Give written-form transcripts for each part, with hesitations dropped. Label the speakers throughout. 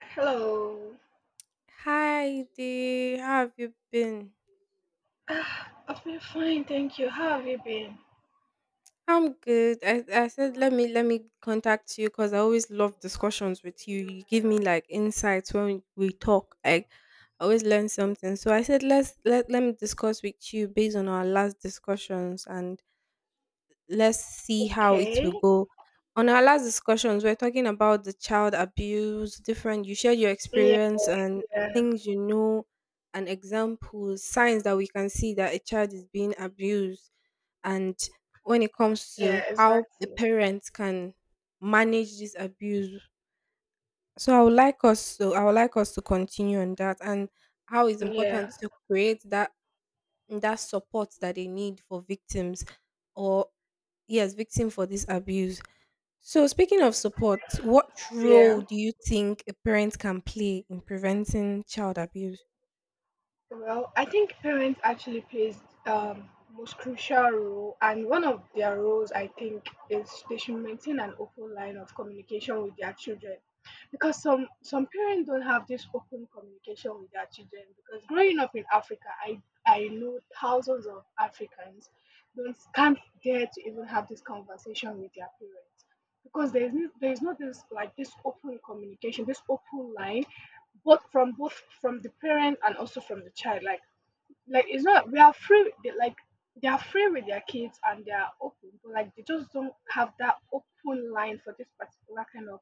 Speaker 1: Hello.
Speaker 2: Hi Dee, how have you been?
Speaker 1: Ah, I've been fine, thank you. How have you been?
Speaker 2: I'm good. I said let me contact you because I always love discussions with you. You give me like insights when we talk. I always learn something. So I said let me discuss with you based on our last discussions and let's see how it
Speaker 1: Okay.
Speaker 2: will go. On our last discussions, we are talking about the child abuse, different, you shared your
Speaker 1: Yeah,
Speaker 2: experience and
Speaker 1: yeah,
Speaker 2: things you know, and examples, signs that we can see that a child is being abused. And when it comes to
Speaker 1: yeah,
Speaker 2: how a
Speaker 1: exactly.
Speaker 2: parent can manage this abuse. So I would like us to I would like us to continue on that and how it's important
Speaker 1: Yeah,
Speaker 2: to create that support that they need for victims or yes, victim for this abuse. So, speaking of support, what role
Speaker 1: yeah.
Speaker 2: do you think a parent can play in preventing child abuse?
Speaker 1: Well, I think parents actually plays most crucial role, and one of their roles, I think, is they should maintain an open line of communication with their children, because some parents don't have this open communication with their children. Because growing up in Africa, I know thousands of Africans don't can't dare to even have this conversation with their parents because there is not this like this open communication, this open line both from the parent and also from the child, like it's not we are free they, like they are free with their kids and they are open, but like they just don't have that open line for this particular kind of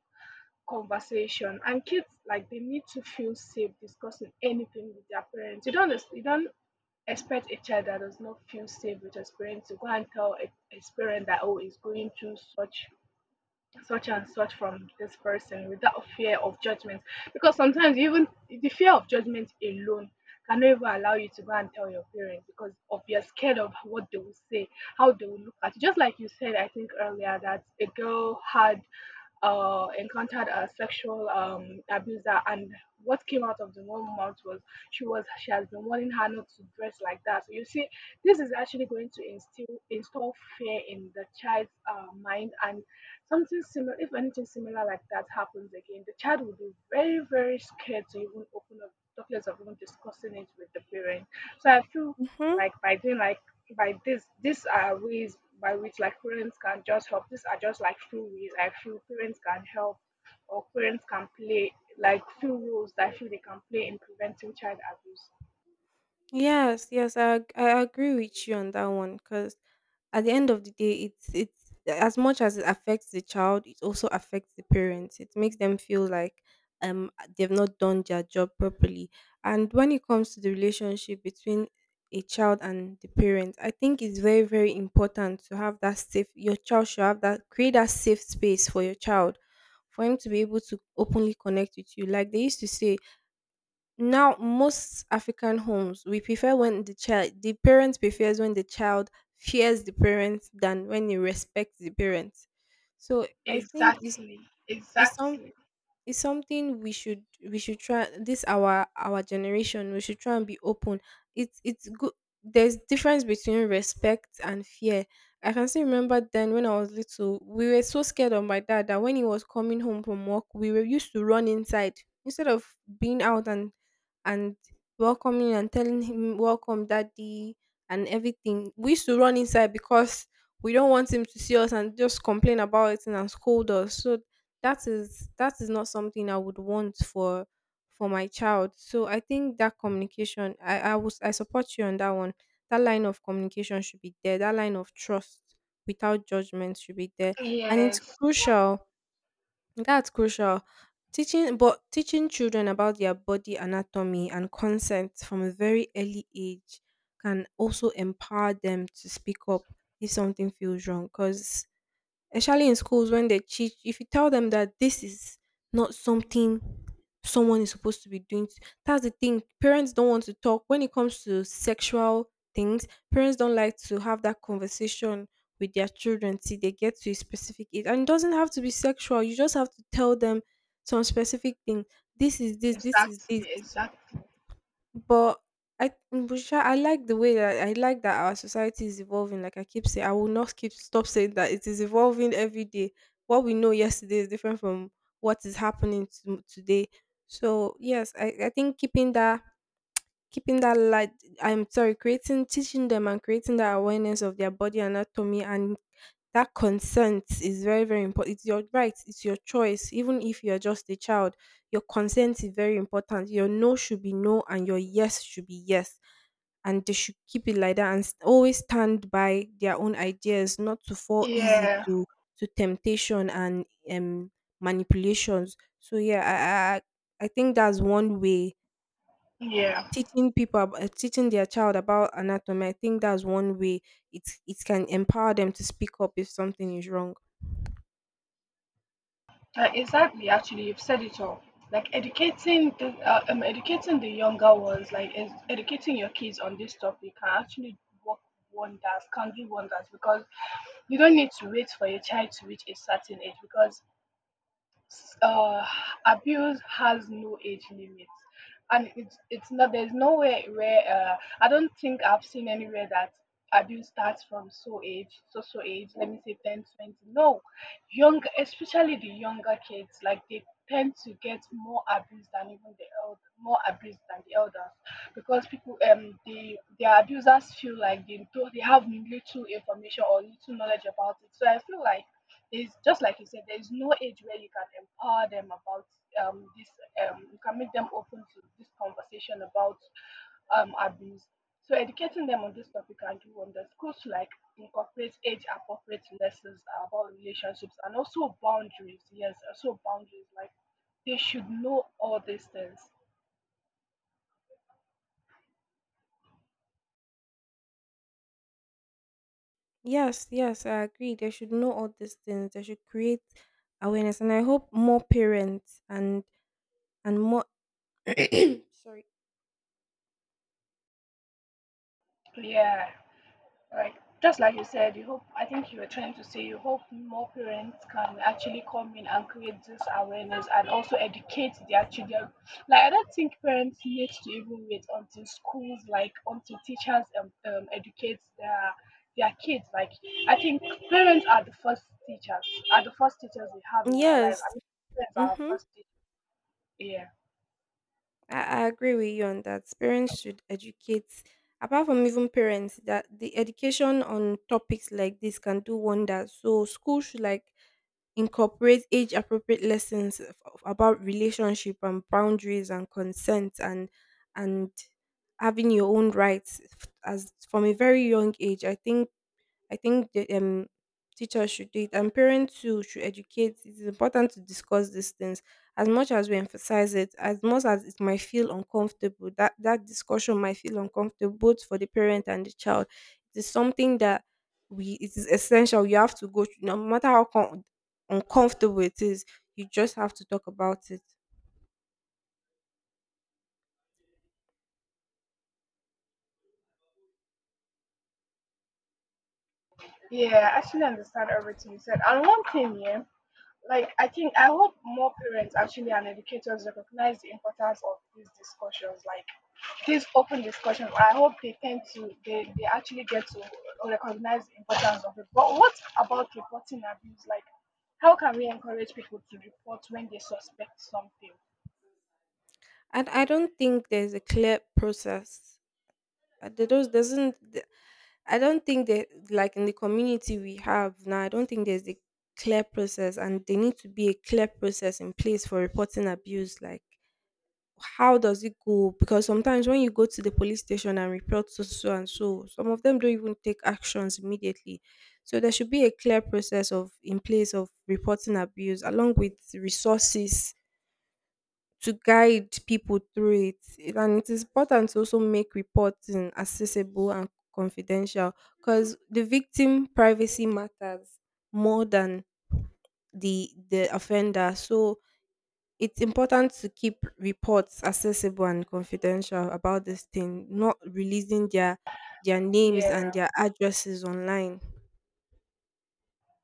Speaker 1: conversation. And kids, like, they need to feel safe discussing anything with their parents. You don't expect a child that does not feel safe with his parents to go and tell his parent that, oh, he's going through such such and such from this person without fear of judgment, because sometimes even the fear of judgment alone cannot even allow you to go and tell your parents because of you're scared of what they will say, how they will look at you. Just like you said, I think earlier, that a girl had encountered a sexual abuser, and what came out of the woman's mouth was she has been warning her not to dress like that. So you see, this is actually going to instill install fear in the child's mind, and something similar, if anything similar like that happens again, the child will be very very scared to even open up, talk, documents of even discussing it with the parent. So I feel
Speaker 2: Mhm.
Speaker 1: like by doing like by this these are ways by which like parents can just help. These are just like few ways I feel parents can help or parents can play, like, few roles that I feel they can play in preventing child abuse.
Speaker 2: Yes, yes, I agree with you on that one because at the end of the day, it's as much as it affects the child, it also affects the parents. It makes them feel like um they've not done their job properly. And when it comes to the relationship between a child and the parent, I think it's very very important to have that safe. Your child should have that create that safe space for your child, for him to be able to openly connect with you. Like they used to say. Now, most African homes, we prefer when the child, the parent prefers when the child fears the parents than when he respects the parents. So I think
Speaker 1: Exactly.
Speaker 2: it's some
Speaker 1: Exactly.
Speaker 2: it's something we should try this our generation we should try and be open it's good there's difference between respect and fear. I can still remember then when I was little, we were so scared of my dad that when he was coming home from work we were used to run inside instead of being out and welcoming and telling him welcome daddy and everything. We used to run inside because we don't want him to see us and just complain about it and scold us. So that is not something I would want for my child. So I think that communication, I support you on that one. That line of communication should be there. That line of trust without judgment should be there, and it's
Speaker 1: Yes.
Speaker 2: crucial. That's crucial. Teaching, but teaching children about their body anatomy and consent from a very early age can also empower them to speak up if something feels wrong. Because especially in schools when they teach, if you tell them that this is not something someone is supposed to be doing, that's the thing. Parents don't want to talk when it comes to sexual things. Parents don't like to have that conversation with their children till they get to a specific age, and it doesn't have to be sexual. You just have to tell them some specific thing, this is this, this is this,
Speaker 1: Exactly. Exactly.
Speaker 2: but I Busha, I like the way that I like that our society is evolving. Like I keep saying, I will not keep stop saying that it is evolving every day. What we know yesterday is different from what is happening to, today. So yes, I think keeping that Keeping that light, I'm sorry, creating, teaching them and creating that awareness of their body anatomy and that consent is very, very important. It's your right, it's your choice. Even if you're just a child, your consent is very important. Your no should be no and your yes should be yes, and they should keep it like that and always stand by their own ideas, not to fall easy
Speaker 1: Yeah.
Speaker 2: to temptation and um manipulations. So yeah, I think that's one way,
Speaker 1: Yeah.
Speaker 2: teaching people about teaching their child about anatomy. I think that's one way it it can empower them to speak up if something is wrong.
Speaker 1: Exactly. Actually, you've said it all. Like educating the younger ones, like educating your kids on this topic, can actually work wonders. Can do wonders, because you don't need to wait for your child to reach a certain age, because s- uh, abuse has no age limit. And it's not, there's nowhere where, I don't think I've seen anywhere that abuse starts from so age, let me say, 10, 20. No, young, especially the younger kids, like, they tend to get more abuse than even the elder, more abuse than the elders, because people, the their abusers feel like they don't they have little information or little knowledge about it. So I feel like it's just like you said, there's no age where you can empower them about um, this, you can make them open to this conversation about abuse. So educating them on this topic can do wonders. Schools should, like, incorporate age-appropriate lessons about relationships and also boundaries. Yes, also boundaries. Like, they should know all these things.
Speaker 2: Yes, yes, I agree, they should know all these things. They should create awareness, and I hope more parents and more sorry.
Speaker 1: Yeah. Right. Just like you said, you hope, I think you were trying to say, you hope more parents can actually come in and create this awareness and also educate their children. Like, I don't think parents need to even wait until schools, like, until teachers educate their kids. Like, I think parents are the first teachers, are the first teachers we have in our life. I
Speaker 2: Yes.
Speaker 1: mean, parents are our
Speaker 2: Mhm.
Speaker 1: first teachers. Yeah.
Speaker 2: I agree with you on that. Parents should educate, apart from even parents, that the education on topics like this can do wonders. So school should like incorporate age appropriate lessons about relationship and boundaries and consent and having your own rights as from a very young age. I think the teachers should do it, and parents too should educate. It's important to discuss these things as much as we emphasize it, as much as it might feel uncomfortable. That that discussion might feel uncomfortable both for the parent and the child. It is something that we it is essential. You have to go through, no matter how uncomfortable it is. You just have to talk about it.
Speaker 1: Yeah, I actually understand everything you said. And one thing, yeah, like, I think I hope more parents actually and educators recognize the importance of these discussions, like these open discussions. I hope they tend to, they actually get to recognize the importance of it. But what about reporting abuse? Like, how can we encourage people to report when they suspect something?
Speaker 2: And I don't think there's a clear process. There does- doesn't. I don't think that like in the community we have now, I don't think there's a clear process, and there need to be a clear process in place for reporting abuse. Like how does it go? Because sometimes when you go to the police station and report so so so, and so, some of them don't even take actions immediately. So there should be a clear process of in place of reporting abuse along with resources to guide people through it. And it is important to also make reporting accessible and confidential, because the victim privacy matters more than the offender. So it's important to keep reports accessible and confidential about this thing, not releasing their names
Speaker 1: Yeah.
Speaker 2: and their addresses online.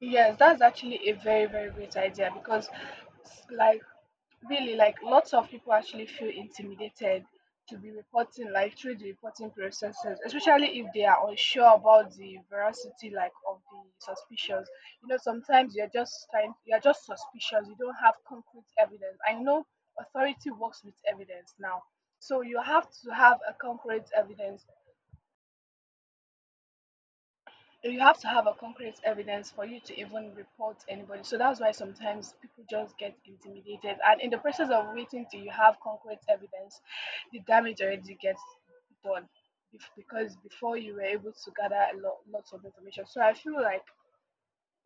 Speaker 1: Yes, that's actually a very very great idea, because, like, really, like, lots of people actually feel intimidated to be reporting, like, through the reporting processes, especially if they are unsure about the veracity, like, of the suspicions. You know, sometimes you're just trying you're just suspicious, you don't have concrete evidence. I know authority works with evidence now, so you have to have a concrete evidence. You have to have a concrete evidence for you to even report anybody. So that's why sometimes people just get intimidated. And in the process of waiting till you have concrete evidence, the damage already gets done, because before you were able to gather lots of information. So I feel like,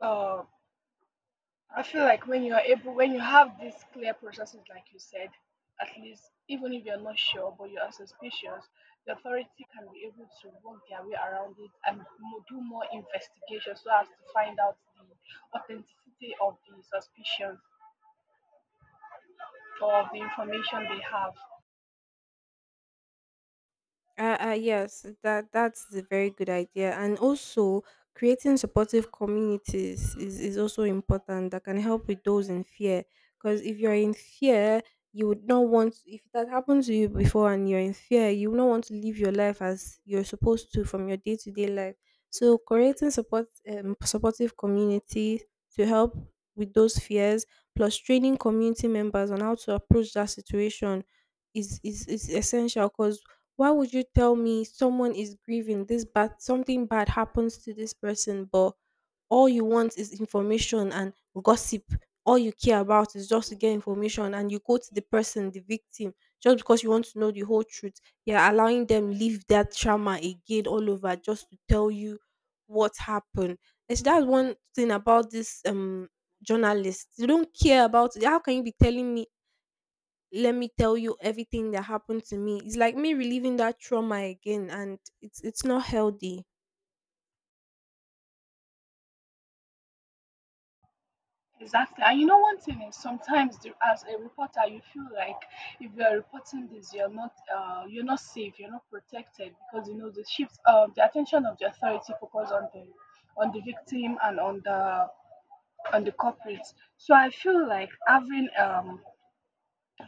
Speaker 1: um I feel like when you are able, when you have these clear processes, like you said, at least even if you're not sure but you are suspicious, the authority can be able to work their way around it, and do more investigation so as to find out the authenticity of the suspicion or of the information they have.
Speaker 2: Yes, that that's a very good idea, and also creating supportive communities is also important that can help with those in fear. Because if you're in fear, you would not want, if that happened to you before and you're in fear, you would not want to live your life as you're supposed to from your day to day life. So creating supportive communities to help with those fears, plus training community members on how to approach that situation is essential. Because why would you tell me someone is grieving? This bad, something bad happens to this person, but all you want is information and gossip. All you care about is just to get information, and you go to the person, the victim, just because you want to know the whole truth. You're allowing them live that trauma again all over just to tell you what happened. And so that's one thing about this journalist. They don't care about how can you be telling me let me tell you everything that happened to me. It's like me reliving that trauma again, and it's not healthy.
Speaker 1: Exactly. And you know, one thing is sometimes, the, as a reporter, you feel like if you are reporting this, you're not safe, you're not protected, because you know the shifts, the attention of the authority focus on the victim and on the culprits. So I feel like having,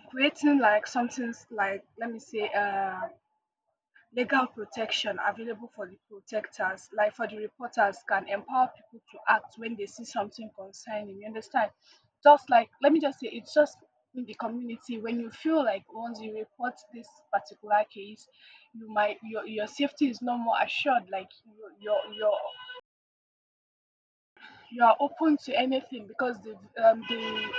Speaker 1: creating like something, like, let me say, legal protection available for the protectors, like for the reporters, can empower people to act when they see something concerning. You understand? Just like, let me just say, it's just in the community, when you feel like once you report this particular case, you might, your safety is no more assured. Like you you you are open to anything, because the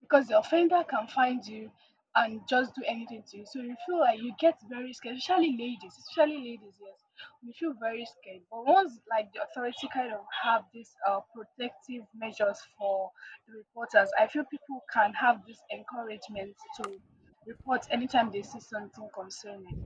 Speaker 1: because the offender can find you and just do anything to you. So you feel like you get very scared, especially ladies, yes. We feel very scared. But once, like, the authority kind of have these protective measures for the reporters, I feel people can have this encouragement to report anytime they see something concerning.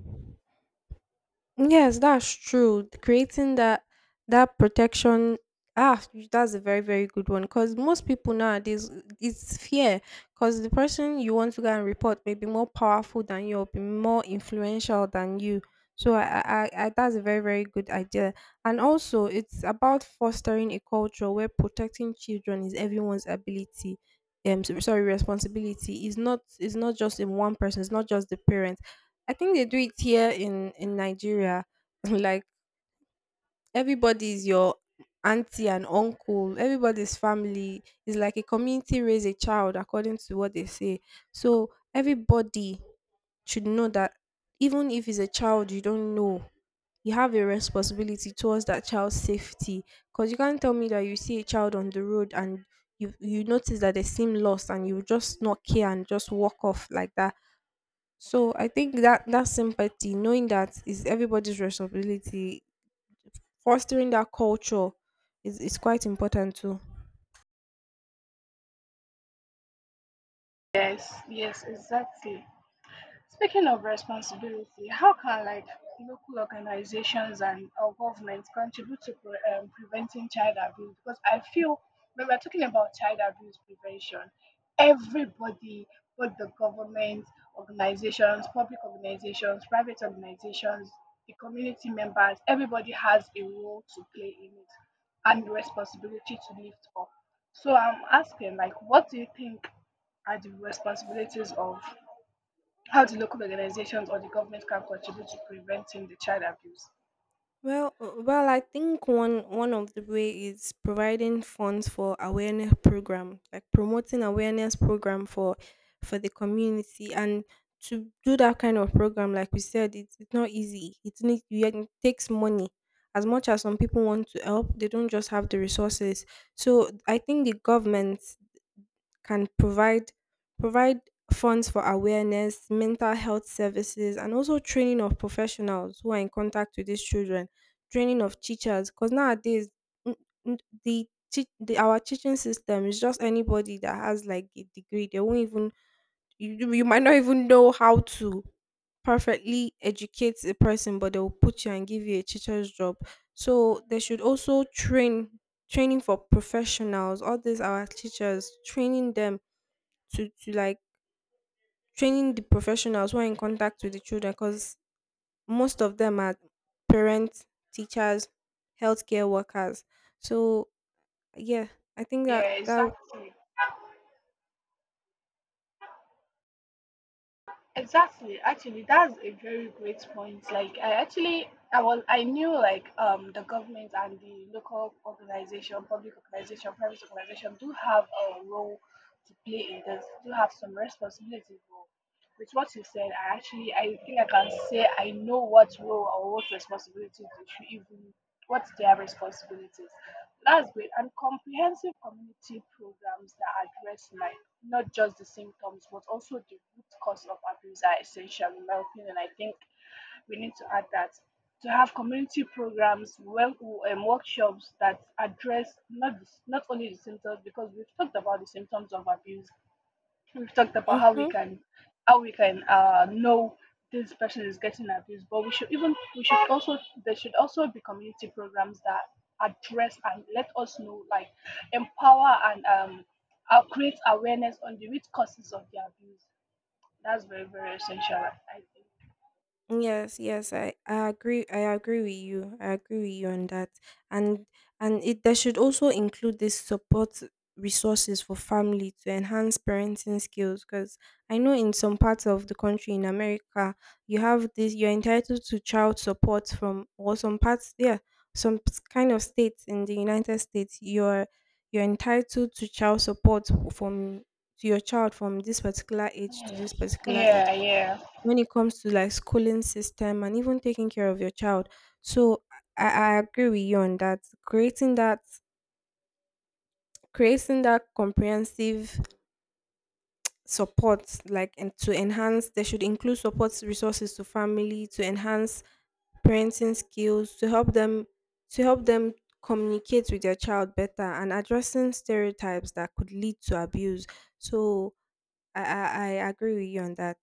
Speaker 2: Yes, that's true. Creating that that protection ah, that's a very very good one, because most people nowadays, it's fear, because the person you want to go and report may be more powerful than you or be more influential than you. So I that's a very very good idea. And also it's about fostering a culture where protecting children is everyone's ability. Sorry, responsibility is not just in one person. It's not just the parent. I think they do it here in Nigeria. Like everybody is your auntie and uncle. Everybody's family is like a community, raise a child according to what they say. So everybody should know that even if it's a child you don't know, you have a responsibility towards that child's safety. Because you can't tell me that you see a child on the road and you notice that they seem lost and you just not care and just walk off like that. So I think that that sympathy, knowing that is everybody's responsibility, fostering that culture is quite important too.
Speaker 1: Yes, yes, exactly. Speaking of responsibility, how can, like, local organizations and our government contribute to preventing child abuse? Because I feel when we're talking about child abuse prevention, everybody, both the government, organizations, public organizations, private organizations, the community members, everybody has a role to play in it and responsibility to lift up. So I'm asking, like, what do you think are the responsibilities of, how do local organizations or the government can contribute to preventing the child abuse?
Speaker 2: Well, I think one of the way is providing funds for awareness program, like promoting awareness program for the community, and to do that kind of program, like we said, it's not easy. It needs you. It takes money. As much as some people want to help, they don't just have the resources. So I think the government can provide funds for awareness, mental health services, and also training of professionals who are in contact with these children, training of teachers. Because nowadays, n- n- the, teach the our teaching system is just anybody that has like a degree. They won't even you might not even know how to perfectly educate a person, but they will put you and give you a teacher's job. So they should also training for professionals. All these our teachers, training them to like training the professionals who are in contact with the children, because most of them are parents, teachers, healthcare workers. So yeah, I think that
Speaker 1: Yeah,
Speaker 2: that.
Speaker 1: exactly. Exactly. Actually, that's a very great point. Like, I actually, I knew, like, the government and the local organization, public organization, private organization do have a role to play in this. Do have some responsibility role. With what you said, I actually, I think I can say I know what role or what responsibilities they should even, what their responsibilities. That's great. And comprehensive community programs that address, like, not just the symptoms but also the root cause of abuse are essential, in my opinion. I think we need to add that, to have community programs, well, workshops that address not only the symptoms, because we've talked about the symptoms of abuse, we've talked about how we
Speaker 2: Mhm.
Speaker 1: can, know this person is getting abused, but we should also, there should also be community programs that address and let us know, like, empower and create awareness on the root causes of the abuse. That's very very essential, I think.
Speaker 2: Yes, yes, I agree. I agree with you on that. And and it there should also include this support resources for family to enhance parenting skills. Because I know in some parts of the country in America, you have this. You're entitled to child support from or some parts. Yeah, some kind of states in the United States, you're entitled to child support from to your child from this particular age to
Speaker 1: Yeah.
Speaker 2: this particular age,
Speaker 1: Yeah, yeah.
Speaker 2: when it comes to like schooling system and even taking care of your child. So I, I agree with you on that. Creating that Creating that comprehensive support like, and to enhance they should include support resources to family to enhance parenting skills to help them communicate with their child better, and addressing stereotypes that could lead to abuse. So I agree with you on that.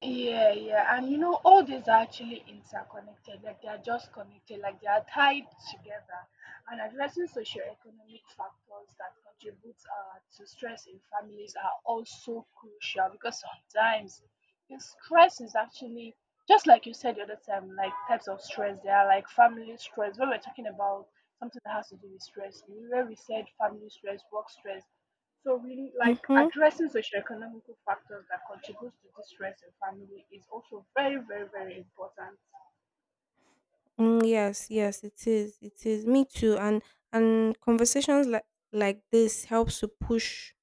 Speaker 1: Yeah, yeah, and you know, all these are actually interconnected, like, they are just connected, like, they are tied together. And addressing socioeconomic factors that contribute to stress in families are also crucial, because sometimes the stress is actually, just like you said the other time, like, types of stress. There are, like, family stress. When we're talking about something that has to do with stress, where we said family stress, work stress, so really, like,
Speaker 2: Hmm.
Speaker 1: addressing socioeconomic factors that contributes to distress in family is also very, very, very important.
Speaker 2: Mm, yes, yes, it is. It is. Me too. And conversations like this helps to push.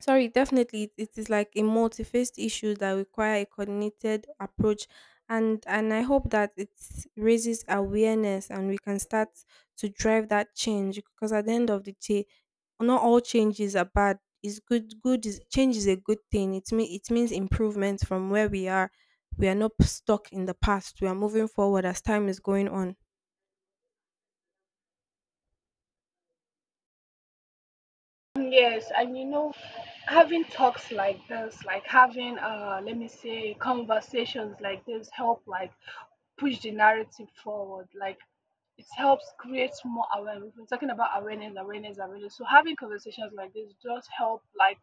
Speaker 2: Sorry, definitely, it is like a multi-faced issue that require a coordinated approach, and I hope that it raises awareness and we can start to drive that change. Because at the end of the day, not all changes are bad. It's good. Good is Change is a good thing. It mean it means improvement from where we are. We are not stuck in the past. We are moving forward as time is going on.
Speaker 1: Yes, and you know, having talks like this, like having, let me say, conversations like this help, like, push the narrative forward. Like, it helps create more awareness. We've been talking about awareness, awareness, awareness. So having conversations like this just help like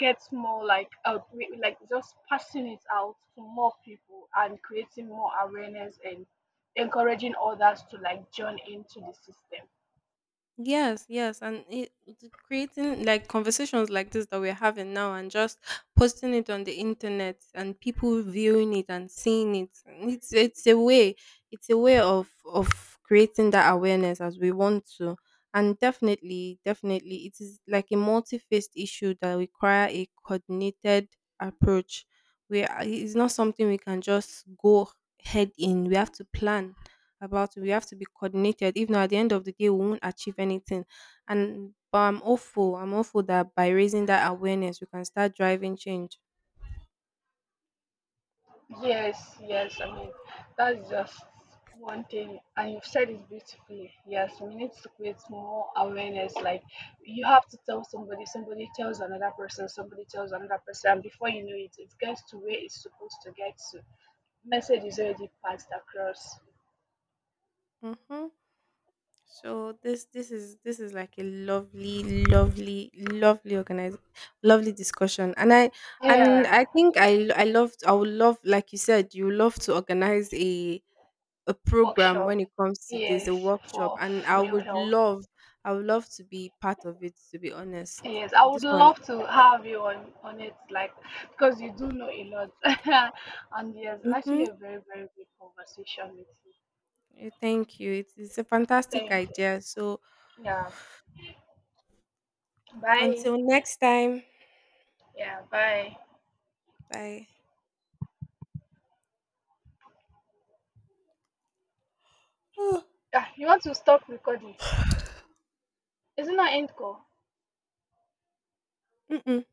Speaker 1: gets more like out, like just passing it out to more people and creating more awareness and encouraging others to like join into the system.
Speaker 2: Yes, yes, and the creating like conversations like this that we're having now, and just posting it on the internet, and people viewing it and seeing it. And it's a way, it's a way of creating that awareness as we want to, and definitely, definitely, it is like a multi-faced issue that require a coordinated approach. It's not something we can just go head in. We have to plan about it. We have to be coordinated. If not, at the end of the day, we won't achieve anything. And but I'm hopeful. I'm hopeful that by raising that awareness, we can start driving change.
Speaker 1: Yes, yes, I mean, that's just one thing, and you've said it beautifully. Yes, we need to create more awareness. Like, you have to tell somebody, somebody tells another person, somebody tells another person, and before you know it, it gets to where it's supposed to get to. Message is already passed across.
Speaker 2: Mm-hmm. So this is like a lovely, lovely, lovely organized, lovely discussion. And
Speaker 1: Yeah.
Speaker 2: I think I loved. I would love, like you said, you love to organize a program when
Speaker 1: Workshop.
Speaker 2: it comes to this, a
Speaker 1: Yes,
Speaker 2: workshop,
Speaker 1: for
Speaker 2: and I
Speaker 1: female
Speaker 2: would
Speaker 1: health.
Speaker 2: love. I would love to be part of it, to be honest.
Speaker 1: Yes, I
Speaker 2: And
Speaker 1: would
Speaker 2: This one.
Speaker 1: love to have you on it, like, because you do know a lot, and yes, it's actually
Speaker 2: Mm-hmm.
Speaker 1: a very very good conversation with you.
Speaker 2: Yeah, thank you. It's a fantastic
Speaker 1: Thank you.
Speaker 2: idea. So
Speaker 1: Yeah. Bye.
Speaker 2: until next time,
Speaker 1: Yeah. Bye.
Speaker 2: bye. Oh,
Speaker 1: Ah, you want to stop recording? Isn't that end call?
Speaker 2: mm-mm.